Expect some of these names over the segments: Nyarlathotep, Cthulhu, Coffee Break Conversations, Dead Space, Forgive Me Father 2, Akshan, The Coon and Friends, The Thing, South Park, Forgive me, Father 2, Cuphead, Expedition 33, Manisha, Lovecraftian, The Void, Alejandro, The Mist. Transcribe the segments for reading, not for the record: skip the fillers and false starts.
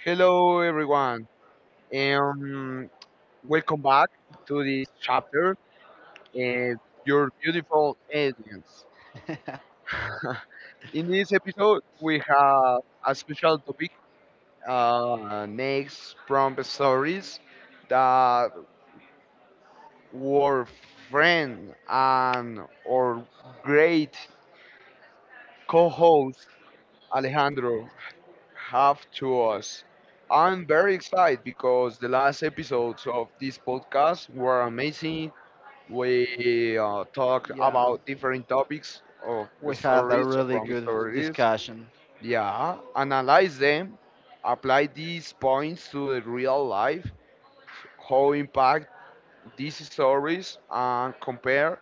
Hello, everyone, and welcome back to this chapter and your beautiful audience. In this episode, we have a special topic: next prompt stories that were friend and our great co-host Alejandro have to us. I'm very excited because the last episodes of this podcast were amazing. We talk Yeah, about different topics of the we had a stories or really from good stories. discussion. Yeah, analyze them, apply these points to the real life, how impact these stories and compare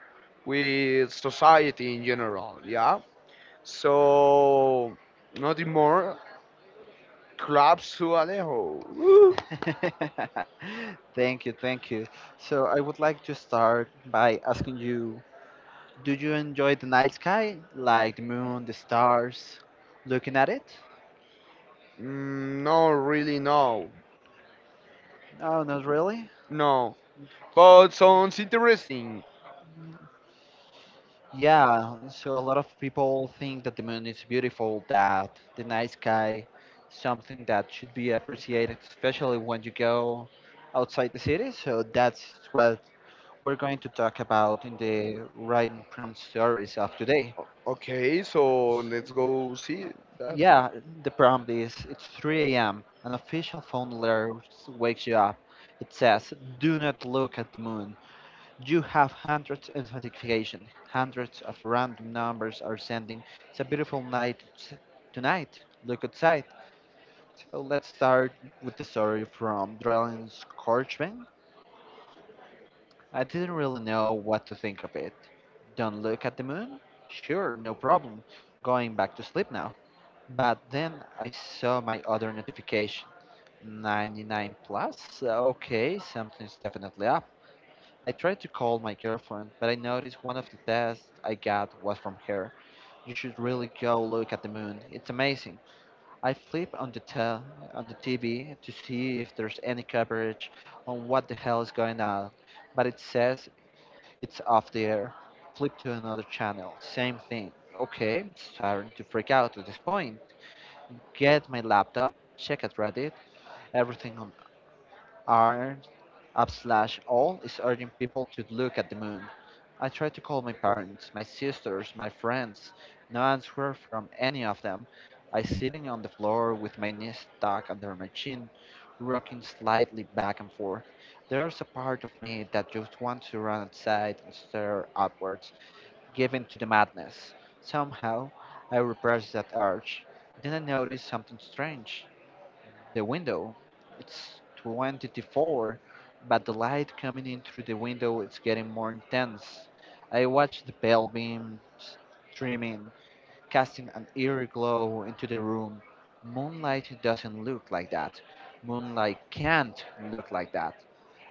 with society in general. Yeah, so nothing more. Crabs to Alejo. Woo! Thank you, thank you. So, I would like to start by asking you, do you enjoy the night sky? Like the moon, the stars? Looking at it? No, really, no, No, not really. no. But sounds interesting. Yeah, so a lot of people think that the moon is beautiful, that the night sky something that should be appreciated, especially when you go outside the city. So that's what we're going to talk about in the writing prompt stories of today. Okay, so let's go see that. Yeah, the prompt is it's 3 a.m. An official phone alert wakes you up. It says, "Do not look at the moon. You have hundreds of notifications. Hundreds of random numbers are sending. It's a beautiful night tonight. Look outside." So let's start with the story from Drawing Scorchman. I didn't really know what to think of it. Don't look at the moon? Sure, no problem. Going back to sleep now. But then I saw my other notification 99 plus? Okay, something's definitely up. I tried to call my girlfriend, but I noticed one of the texts I got was from her. You should really go look at the moon. It's amazing. I flip on the on the TV to see if there's any coverage on what the hell is going on, but it says it's off the air. Flip to another channel. Same thing. Okay, I'm starting to freak out at this point. Get my laptop, check at Reddit. Everything on r up slash all is urging people to look at the moon. I try to call my parents, my sisters, my friends. No answer from any of them. I sitting on the floor with my knees stuck under my chin, rocking slightly back and forth. There's a part of me that just wants to run outside and stare upwards given to the madness. Somehow, I repressed that urge. Then I noticed something strange. The window. It's 20 to 4, but the light coming in through the window is getting more intense. I watched the pale beams streaming, casting an eerie glow into the room. Moonlight doesn't look like that. Moonlight can't look like that.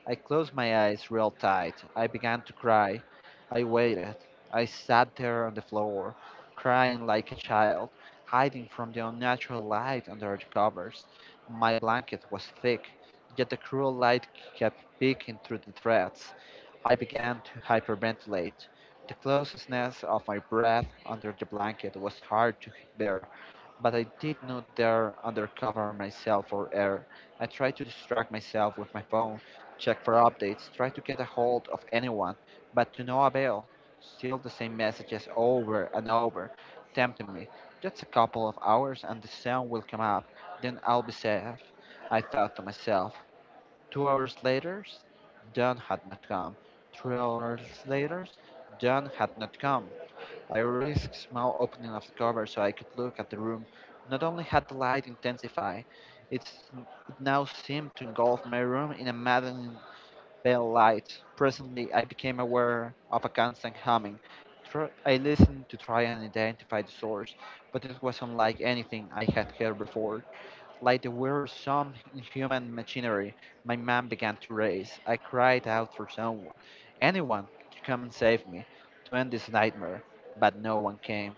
I closed my eyes real tight. I began to cry. I waited. I sat there on the floor, crying like a child, hiding from the unnatural light under the covers. My blanket was thick, yet the cruel light kept peeking through the threads. I began to hyperventilate. The closeness of my breath under the blanket was hard to bear, but I did not dare undercover myself for air. I tried to distract myself with my phone. Check for updates, try to get a hold of anyone, but to no avail. Still the same messages over and over, tempting me. Just a couple of hours and the sun will come up, then I'll be safe, I thought to myself. 2 hours later, dawn had not come. 3 hours later, dawn had not come. I risked small opening of the cover so I could look at the room. Not only had the light intensified, it now seemed to engulf my room in a maddening pale light. Presently, I became aware of a constant humming. I listened to try and identify the source, but it was unlike anything I had heard before. Like the wearisome inhuman machinery, my mind began to race. I cried out for someone, anyone, to come and save me, to end this nightmare, but no one came.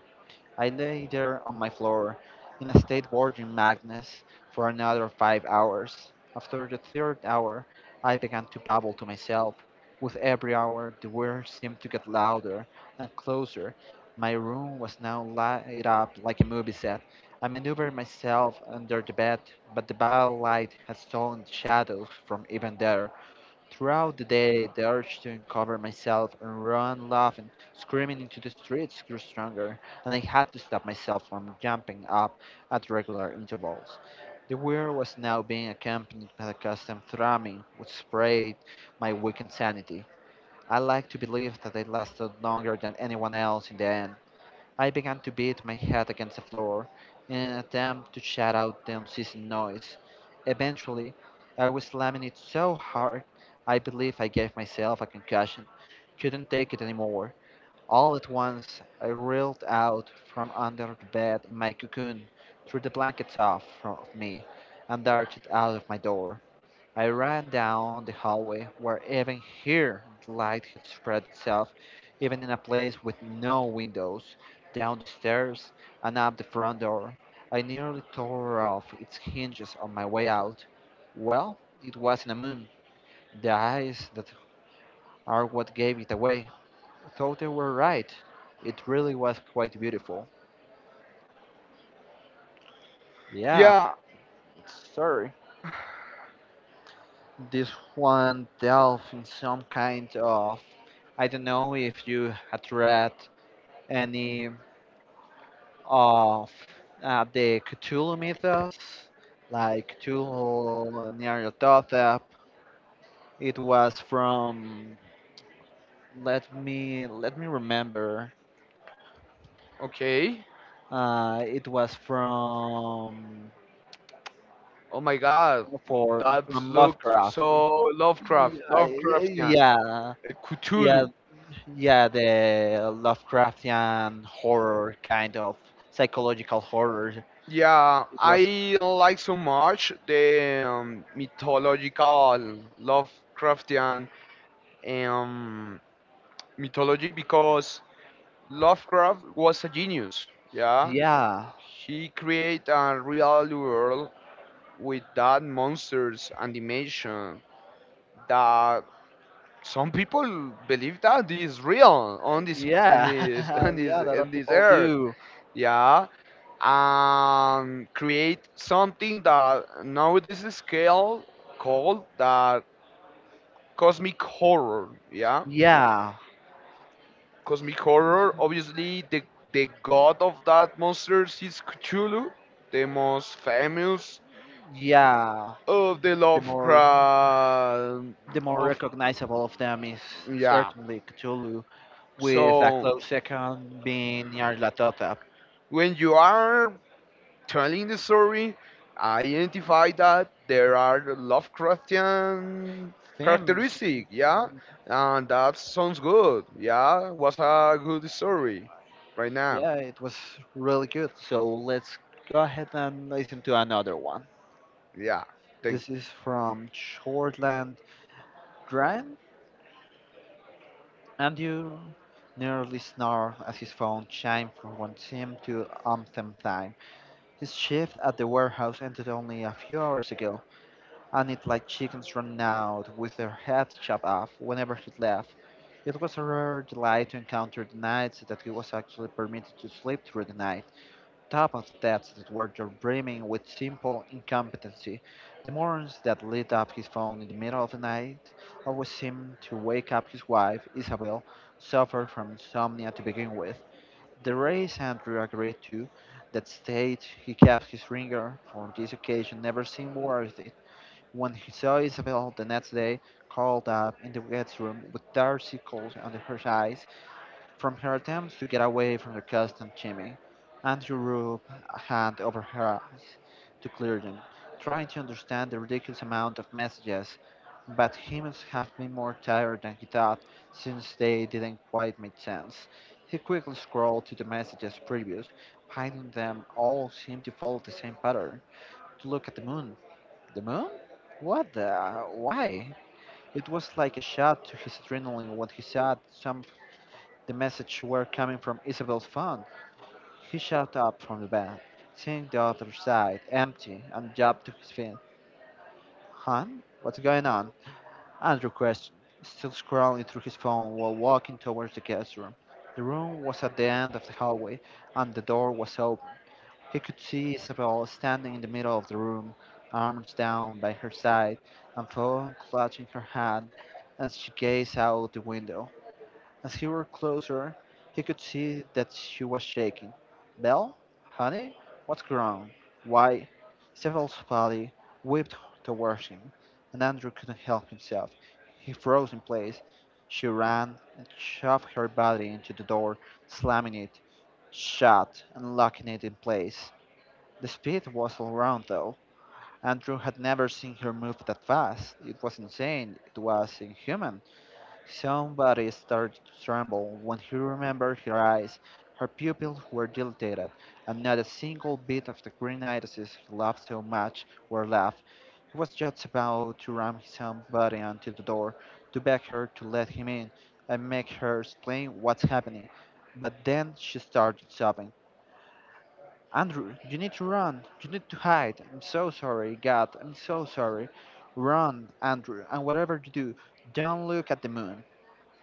I lay there on my floor, in a state bordering madness, for another 5 hours. After the third hour, I began to babble to myself. With every hour, the words seemed to get louder and closer. My room was now light up like a movie set. I maneuvered myself under the bed, but the battle light had stolen the shadows from even there. Throughout the day, the urge to uncover myself and run, laugh, and screaming into the streets grew stronger, and I had to stop myself from jumping up at regular intervals. The weir was now being accompanied by a custom thrumming, which sprayed my weakened sanity. I like to believe that I lasted longer than anyone else. In the end I began to beat my head against the floor in an attempt to shut out the unceasing noise. Eventually, I was slamming it so hard I believe I gave myself a concussion. Couldn't take it anymore. All at once, I reeled out from under the bed in my cocoon, threw the blankets off from of me, and darted out of my door. I ran down the hallway where even here the light had spread itself, even in a place with no windows, down the stairs and up the front door. I nearly tore off its hinges on my way out. Well, it wasn't a moon. The eyes that are what gave it away thought they were right. It really was quite beautiful. Yeah, Yeah, this one delved in some kind of, I don't know if you had read any of the Cthulhu mythos, like Cthulhu and Nyarlathotep. It was from, let me remember. okay. It was from, Oh my god, for that from looks Lovecraft. so Yeah, Lovecraftian. yeah, yeah, Cthulhu. yeah, the Lovecraftian horror kind of psychological horror. Yeah, It was, I don't like so much the mythological Lovecraftian um, mythology because Lovecraft was a genius. Yeah, yeah. he created a real world with that monsters animation that some people believe that this is real on this in Yeah, this on this yeah, in that this people earth. do. Yeah, and create something that nowadays is scale called that cosmic horror. Yeah, Yeah, cosmic horror. Obviously, the god of that monsters is Cthulhu, the most famous yeah. of the The more Lovecraft the more of recognizable of them is Yeah. certainly Cthulhu, with a So close second being Nyarlathotep. when you are telling the story, I identify that there are Lovecraftian Themes, characteristic, yeah, and that sounds good. Yeah, was a good story, right now. yeah, it was really good. So let's go ahead and listen to another one. Yeah, thank This you. is from Shortland Grind. Andrew nearly snarled as his phone chimed from one sim to umpteenth time. His shift at the warehouse ended only a few hours ago, and it like chickens running out with their heads chopped off whenever he left. It was a rare delight to encounter the nights that he was actually permitted to sleep through the night, top of the depths that were just brimming with simple incompetency. The mornings that lit up his phone in the middle of the night always seemed to wake up his wife, Isabel, who suffered from insomnia to begin with. The race Andrew agreed to, that state he kept his ringer for this occasion never seemed worth when he saw Isabel the next day, curled up in the guest room with dark circles under her eyes from her attempts to get away from the constant Jimmy. Andrew rubbed a hand over her eyes to clear them, trying to understand the ridiculous amount of messages. But he must have been more tired than he thought, since they didn't quite make sense. He quickly scrolled to the messages previous, finding them all seemed to follow the same pattern, to look at the moon. The moon? What the? Why? It was like a shot to his adrenaline when he saw some the message were coming from Isabel's phone. He shot up from the bed, seeing the other side empty, and jumped to his feet. "Hon, what's going on?" Andrew questioned, still scrolling through his phone while walking towards the guest room. The room was at the end of the hallway, and the door was open. He could see Isabel standing in the middle of the room, arms down by her side, and Fawn clutching her hand as she gazed out the window. As he were closer, he could see that she was shaking. "Belle, honey, what's wrong? Why?" Isabel's body whipped towards him, and Andrew couldn't help himself. He froze in place. She ran and shoved her body into the door, slamming it shut and locking it in place. The speed was all round, though. Andrew had never seen her move that fast. It was insane. It was inhuman. Somebody started to tremble when he remembered her eyes. Her pupils were dilated, and not a single bit of the green irises he loved so much were left. He was just about to ram somebody onto the door, to beg her to let him in, and make her explain what's happening. But then she started sobbing. "Andrew, you need to run. You need to hide. I'm so sorry, God. I'm so sorry. Run, Andrew, and whatever you do, don't look at the moon."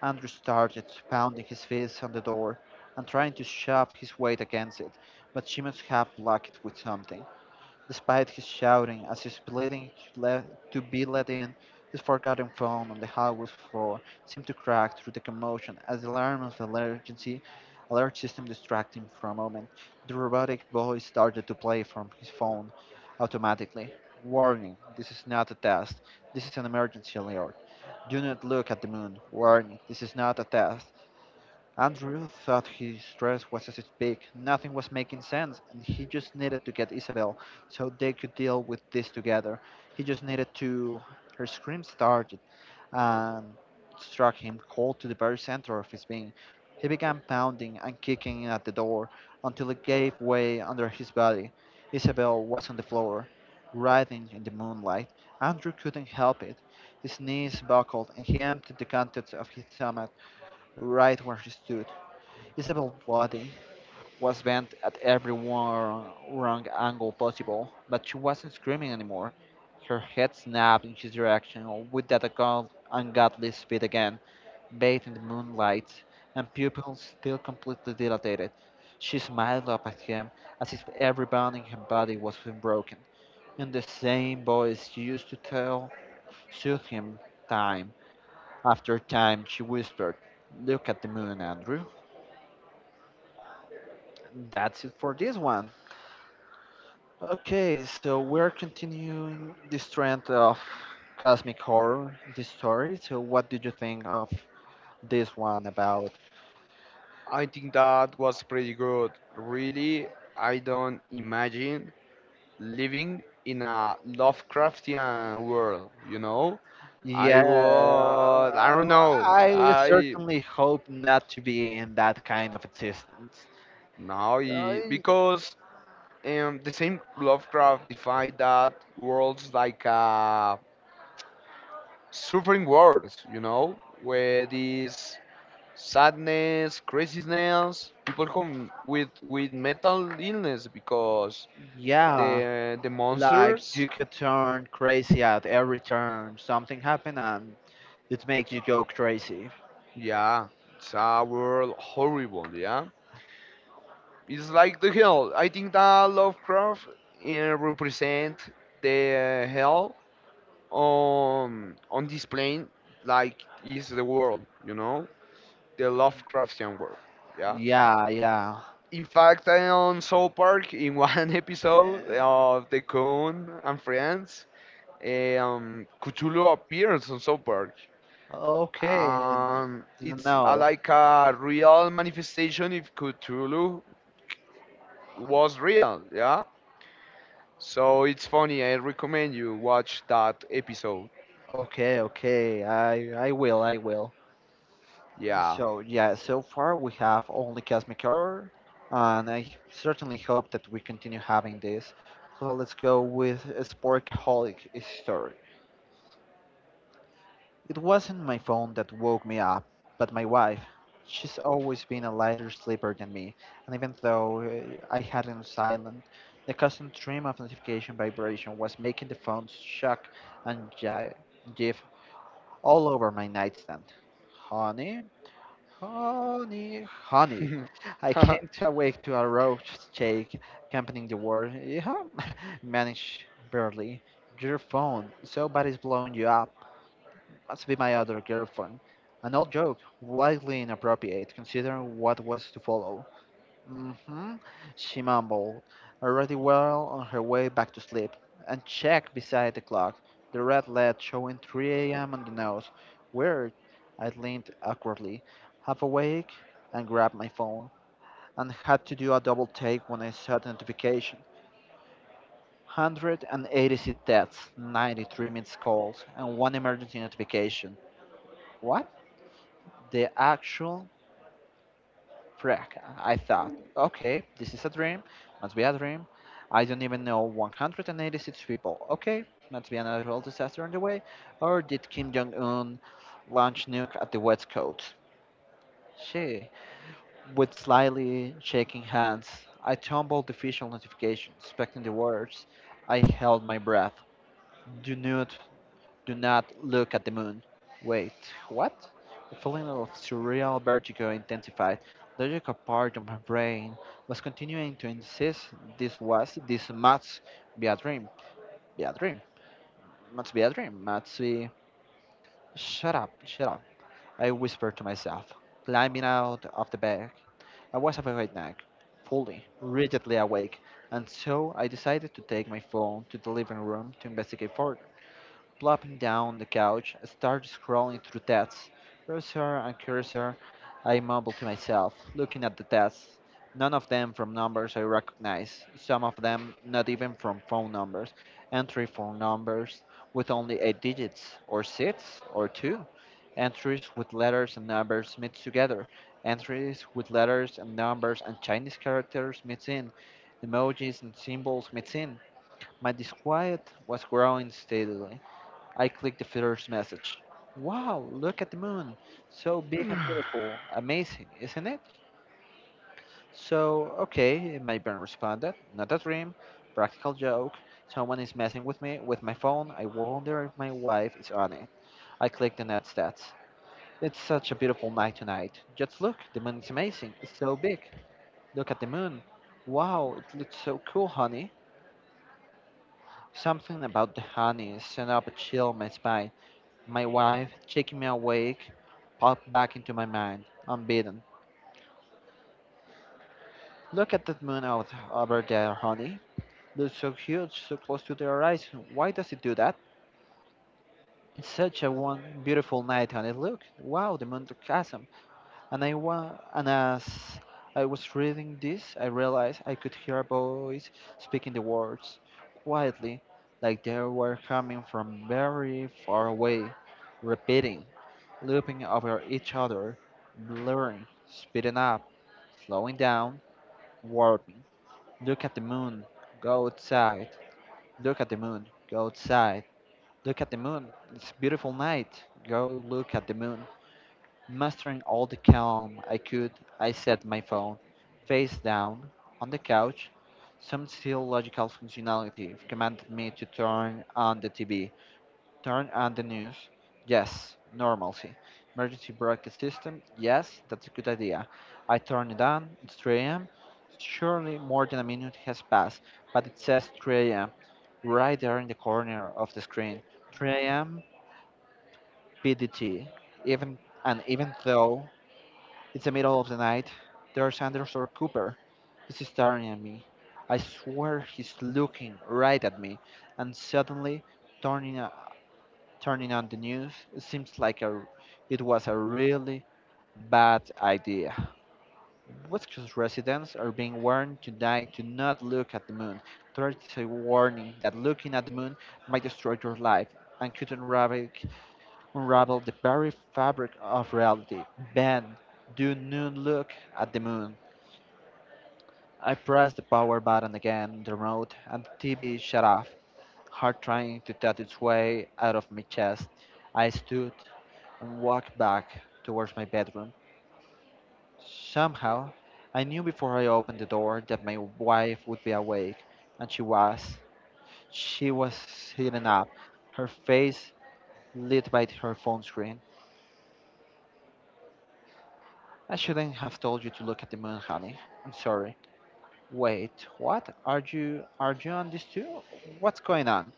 Andrew started pounding his fists on the door and trying to shove his weight against it, but she must have blocked it with something. Despite his shouting as he's pleading to, to be let in, his forgotten phone on the hallway floor seemed to crack through the commotion as the alarm of the emergency alert system distracted him for a moment. The robotic voice started to play from his phone automatically. "Warning, this is not a test. This is an emergency alert. Do not look at the moon. Warning, this is not a test." Andrew thought his stress was as big. Nothing was making sense, and he just needed to get Isabel so they could deal with this together. He just needed to. Her scream started and struck him cold to the very center of his being. He began pounding and kicking at the door until it gave way under his body. Isabel was on the floor, writhing in the moonlight. Andrew couldn't help it. His knees buckled, and he emptied the contents of his stomach right where he stood. Isabel's body was bent at every wrong, wrong angle possible, but she wasn't screaming anymore. Her head snapped in his direction with that ungodly speed again, bathed in the moonlight, and pupils still completely dilated. She smiled up at him as if every bone in her body was being broken. In the same voice she used to tell, soothe him time after time, she whispered, "Look at the moon, Andrew." That's it for this one. Okay, so we're continuing this trend of cosmic horror in this story. So, what did you think of this one about? I think that was pretty good. Really, I don't imagine living in a Lovecraftian world. You know, I Yeah, would. I don't know. I I certainly hope not to be in that kind of existence. no, I- I- because and the same Lovecraft defined that worlds like suffering worlds, you know, where this sadness, craziness, people come with mental illness because yeah, the like you monsters, could turn crazy at every turn. Something happen and it makes you go crazy. yeah, it's a world horrible, yeah. It's like the hell. I think that Lovecraft represent the hell on this plane like is the world, you know, the Lovecraftian world. Yeah. Yeah, yeah. In fact, I on South Park in one episode of The Coon and Friends, Cthulhu appears on South Park. Okay, It's no. like a real manifestation if Cthulhu was real. Yeah. So it's funny. I recommend you watch that episode. Okay, okay. I will, I will. Yeah. So yeah, so far we have only Cosmic Horror, and I certainly hope that we continue having this. So let's go with Sporkaholic story. It wasn't my phone that woke me up, but my wife. She's always been a lighter sleeper than me, and even though I had it on silent, the constant stream of notification vibration was making the phone shock and jiff all over my nightstand. Honey, honey, honey. I came to awake to a roach shake accompanying the word, yeah, managed barely. Your phone, somebody's blowing you up must be my other girlfriend. An old joke, wildly inappropriate considering what was to follow. Mm-hmm, she mumbled, already well on her way back to sleep, and checked beside the clock, the red LED showing 3 a.m. on the nose. Weird, I leaned awkwardly, half awake, and grabbed my phone, and had to do a double take when I saw the notification. 186 deaths, 93 missed calls, and one emergency notification. What? The actual freak. I thought, okay, this is a dream, must be a dream. I don't even know 186 people. Okay, must be another real disaster on the way. Or did Kim Jong Un launch nuke at the West Coast? She, with slightly shaking hands, I tumbled the official notification, expecting the words. I held my breath. Do not Do not look at the moon. Wait, what? The feeling of surreal vertigo intensified. The logical part of my brain was continuing to insist this must be a dream, be a dream, must be a dream, must be. Shut up, I whispered to myself, climbing out of the bed. I was awake now, fully, rigidly awake, and so I decided to take my phone to the living room to investigate further. Plopping down on the couch, I started scrolling through tests. Browser and cursor, I mumbled to myself, looking at the tests. None of them from numbers I recognize, some of them not even from phone numbers. Entry for numbers with only eight digits, or six, or two. Entries with letters and numbers mixed together. Entries with letters and numbers and Chinese characters mixed in. Emojis and symbols mixed in. My disquiet was growing steadily. I click the first message. Wow, look at the moon. So big and beautiful. Amazing, isn't it? So, okay, my brain responded. Not a dream, practical joke. Someone is messing with me with my phone. I wonder if my wife is on it. I click the net stats. It's such a beautiful night tonight. Just look, the moon is amazing. It's so big. Look at the moon. Wow, it looks so cool, honey. Something about the honey sent up a chill in my spine. My wife, checking me awake, popped back into my mind, unbidden. Look at that moon out over there, honey. Looks so huge, so close to the horizon. Why does it do that? It's such a one beautiful night, honey. Look, wow, the moon took. And as I was reading this, I realized I could hear a voice speaking the words quietly, like they were coming from very far away, repeating, looping over each other, blurring, speeding up, slowing down, warping. Look at the moon, go outside. Look at the moon, go outside. Look at the moon, it's a beautiful night. Go look at the moon. Mastering all the calm I could, I set my phone face down on the couch. Some still logical functionality commanded me to turn on the TV, turn on the news. Yes, normalcy. Emergency broadcast system. Yes, that's a good idea. I turn it on. It's 3 a.m. Surely more than a minute has passed, but it says 3 a.m. right there in the corner of the screen. 3 a.m. PDT. Even even though it's the middle of the night. There's Anderson Cooper. He's staring at me. I swear he's looking right at me. And suddenly, turning, uh, turning on the news seems like it was a really bad idea. Westcoast residents are being warned tonight to not look at the moon. There is a warning that looking at the moon might destroy your life and could unravel the very fabric of reality. Ben, do not look at the moon. I pressed the power button again on the remote, and the TV shut off. Heart trying to tug its way out of my chest, I stood and walked back towards my bedroom. Somehow, I knew before I opened the door that my wife would be awake, and she was. She was sitting up, her face lit by her phone screen. I shouldn't have told you to look at the moon, honey. I'm sorry. Wait, what? Are you on this too? What's going on?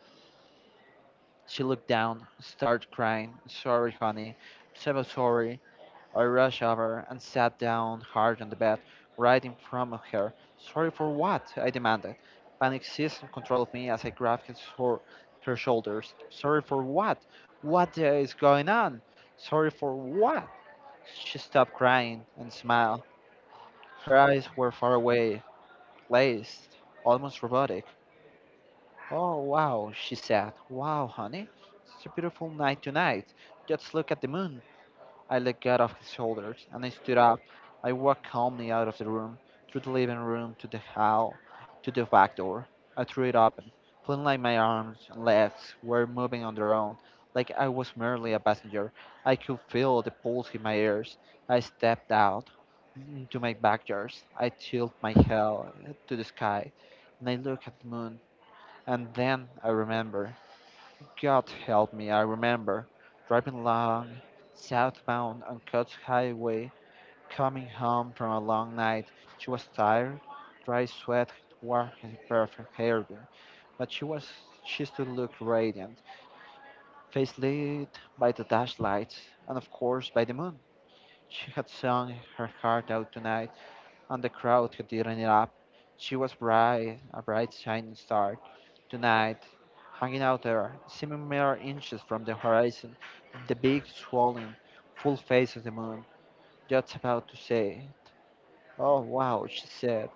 She looked down, started crying. Sorry, honey. I'm so sorry. I rushed over and sat down hard on the bed, right in front of her. Sorry for what? I demanded. Panic seized control of me as I grabbed her shoulders. Sorry for what? What is going on? Sorry for what? She stopped crying and smiled. Her eyes were far away, glazed, almost robotic. Oh, wow, she said. Wow, honey, it's a beautiful night tonight. Just look at the moon. I looked out of his shoulders and I stood up. I walked calmly out of the room, through the living room to the hall, to the back door. I threw it open, feeling like my arms and legs were moving on their own, like I was merely a passenger. I could feel the pulse in my ears. I stepped out into my backyard. I tilted my head to the sky and I looked at the moon. And then I remember, God help me, I remember driving along southbound on Coast Highway, coming home from a long night. She was tired, dry sweat wore her perfect hairdo, but she still looked radiant, face lit by the dash lights and of course by the moon. She had sung her heart out tonight and the crowd who didn't it up. She was bright, a bright shining star. Tonight, hanging out there, seeming mere inches from the horizon, the big, swollen, full face of the moon, just about to say, Oh, wow, she said.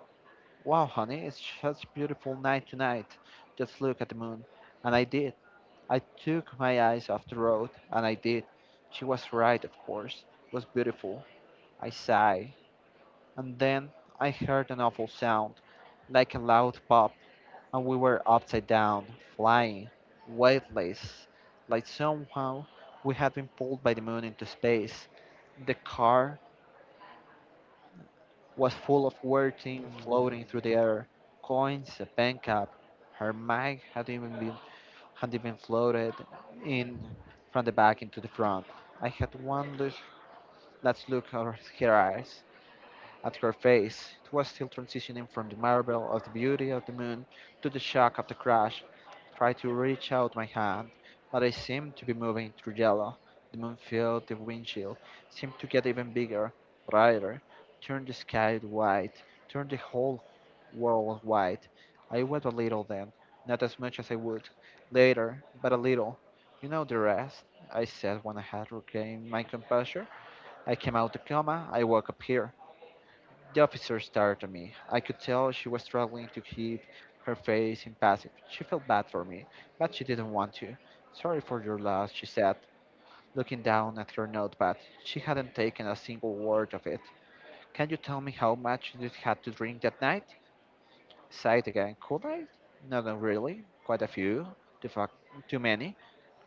Wow, honey, it's such a beautiful night tonight. Just look at the moon. And I did. I took my eyes off the road, and I did. She was right, of course. It was beautiful. I sighed and then I heard an awful sound, like a loud pop, and we were upside down, flying, weightless, like somehow we had been pulled by the moon into space. The car was full of weird things floating through the air, coins, a pen cap. Her mag had even been had even floated in from the back into the front. I had one look, last look at her eyes. At her face, it was still transitioning from the marvel of the beauty of the moon to the shock of the crash. I tried to reach out my hand, but I seemed to be moving through yellow. The moon filled the windshield, seemed to get even bigger, brighter, turned the sky white, turned the whole world white. I wept a little then, not as much as I would later, but a little. You know the rest, I said when I had regained my composure. I came out the coma, I woke up here. The officer stared at me. I could tell she was struggling to keep her face impassive. She felt bad for me, but she didn't want to. Sorry for your loss, she said, looking down at her notepad. She hadn't taken a single word of it. Can you tell me how much you had to drink that night? Sighed again. Could I? No, no, really. Quite a few. Too, fuck, too many.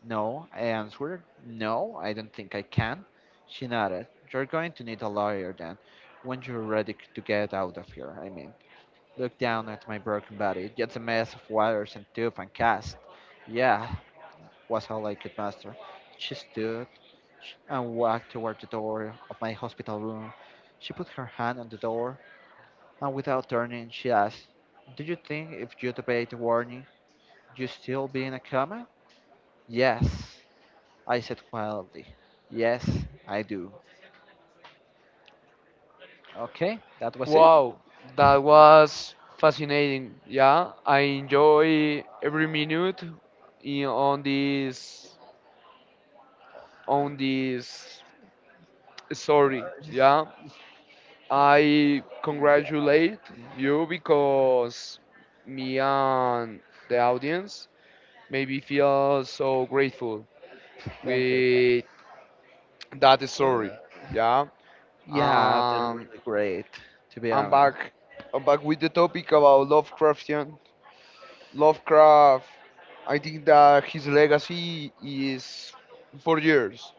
No, I answered. No, I don't think I can. She nodded. You're going to need a lawyer then, when you're ready to get out of here, I mean. Looked down at my broken body, just a mess of wires and tube and cast. Yeah, was all I could muster. She stood and walked toward the door of my hospital room. She put her hand on the door, and without turning, she asked, Do you think if you obeyed the warning, you still be in a coma? Yes, I said quietly. Yes, I do. Okay, that was it. Wow, that was fascinating. Yeah, I enjoy every minute in, on this story. Yeah, I congratulate you because me and the audience maybe feel so grateful Thank with that story. you. Yeah, Yeah, they're um, really great, to be I'm honest. back. I'm back with the topic about Lovecraft. I think that his legacy is for years.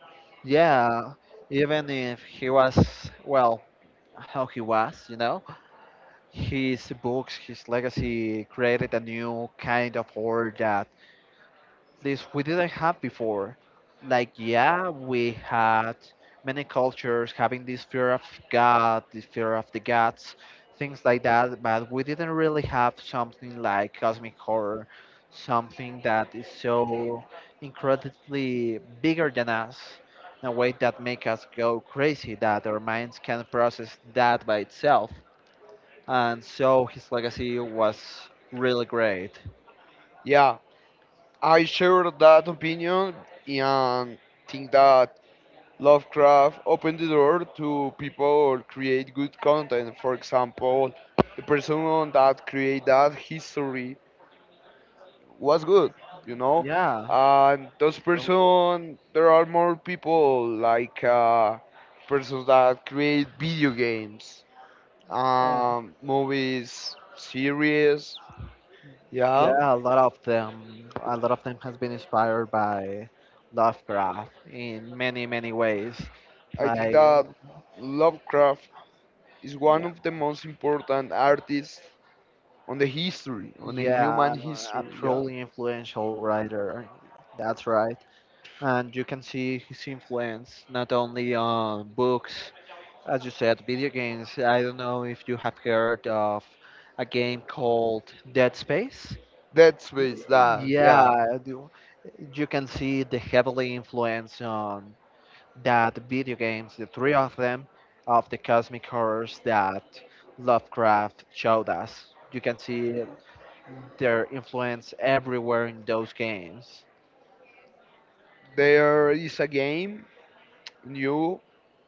Yeah, even if he was, well, how he was, you know, his books, his legacy created a new kind of horror that this we didn't have before. Like, yeah, we had many cultures having this fear of God, this fear of the gods, things like that, but we didn't really have something like cosmic horror, something that is so incredibly bigger than us in a way that make us go crazy, that our minds can process that by itself. And so his legacy was really great. Yeah, I share that opinion and think that Lovecraft opened the door to people create good content. For example, the person that created that history was good, you know. Yeah. And those person, there are more people like persons that create video games, movies, series. Yeah, Yeah, a lot of them has been inspired by Lovecraft in many, many ways. I think Like, that Lovecraft is one yeah, of the most important artists on the history, on the human yeah, a history. Yeah, truly influential writer. That's right. And you can see his influence not only on books, as you said, video games. I don't know if you have heard of a game called Dead Space. Dead Y- Space. That Yeah, yeah, I do you can see the heavily influence on that video games, the three of them, of the cosmic horrors that Lovecraft showed us. You can see it, their influence everywhere in those games. there is a game new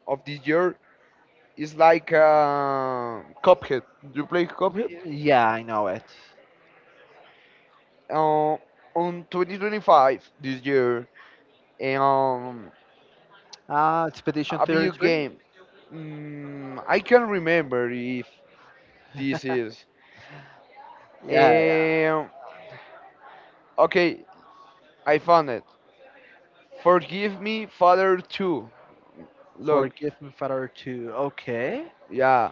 of this year. It's like Cuphead. Do you play Cuphead? Yeah, I know it. Uh, on 2025 this year, and Expedition a video 33? game. I can not remember if this is. Yeah, yeah. Um, okay, I found it. Forgive me, Father 2. Look, Forgive Me Father 2. Okay. yeah.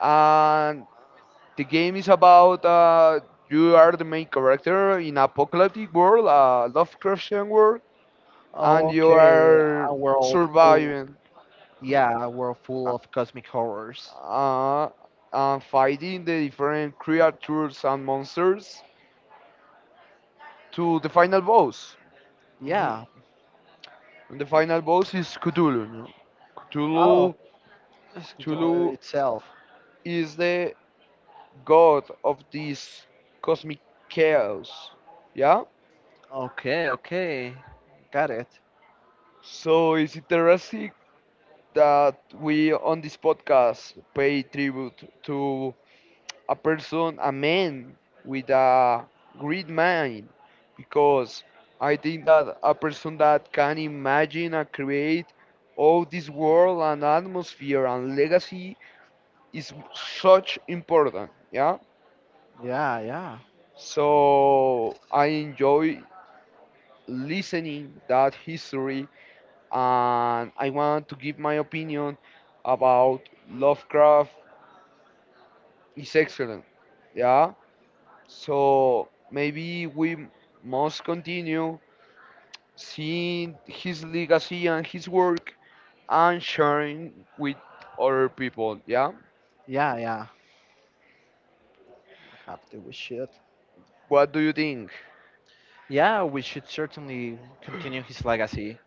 And the game is about you are the main character in apocalyptic world, Lovecraftian world, and you Okay, are a world full. surviving Yeah, a world full of cosmic horrors. uh, and fighting the different creatures and monsters to the final boss. Mhm. Yeah. And the final boss is Cthulhu. No? Oh, Cthulhu, good all Cthulhu itself. is the god of this cosmic chaos. Yeah? Okay, okay. Got it. So it's interesting that we on this podcast pay tribute to a person, a man with a great mind, because I think that a person that can imagine and create all this world and atmosphere and legacy is such important. Yeah. Yeah, yeah, So I enjoy listening that history and I want to give my opinion about Lovecraft is excellent. Yeah. So maybe we must continue seeing his legacy and his work and sharing with other people. Yeah. yeah, yeah. We have to. We should. What do you think? Yeah, we should certainly continue his legacy,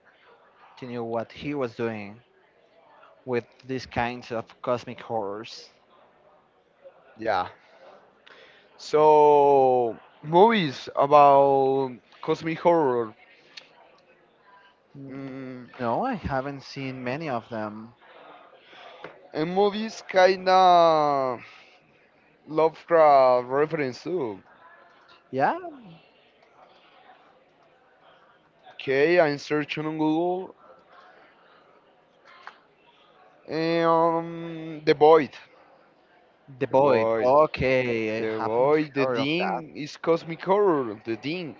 continue what he was doing with these kinds of cosmic horrors. Yeah. So movies about cosmic horror. N- Mm, No, I haven't seen many of them. and movies kinda Lovecraft reference too. Yeah, Okay, I'm searching on Google. The Void. The The Void. Void. Okay, I The haven't Void. The heard of that. Thing is cosmic horror. The Thing.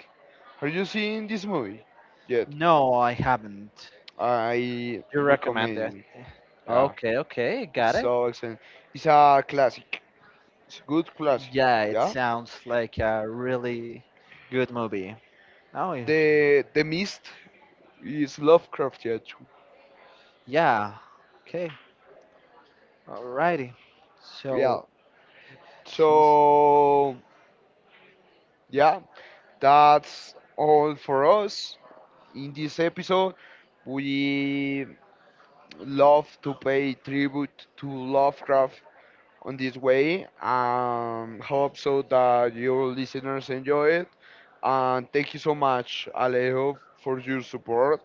Are you seeing this movie yet? No, I haven't. I You recommend it? recommend. Yeah, Okay, okay, it's got it. so excellent. It's a classic. It's a good classic. Yeah, it Yeah. sounds like a really good movie. Oh, yeah. The Mist is Lovecraft yet. Yeah. Okay. Alrighty. Yeah. So So yeah, that's all for us. In this episode, we love to pay tribute to Lovecraft on this way. Hope so that your listeners enjoy it. And thank you so much, Alejo, for your support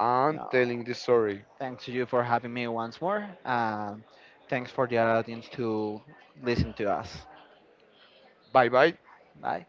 and no, telling the story. thanks to you for having me once more. Thanks for the audience to listen to us. Bye bye. Bye.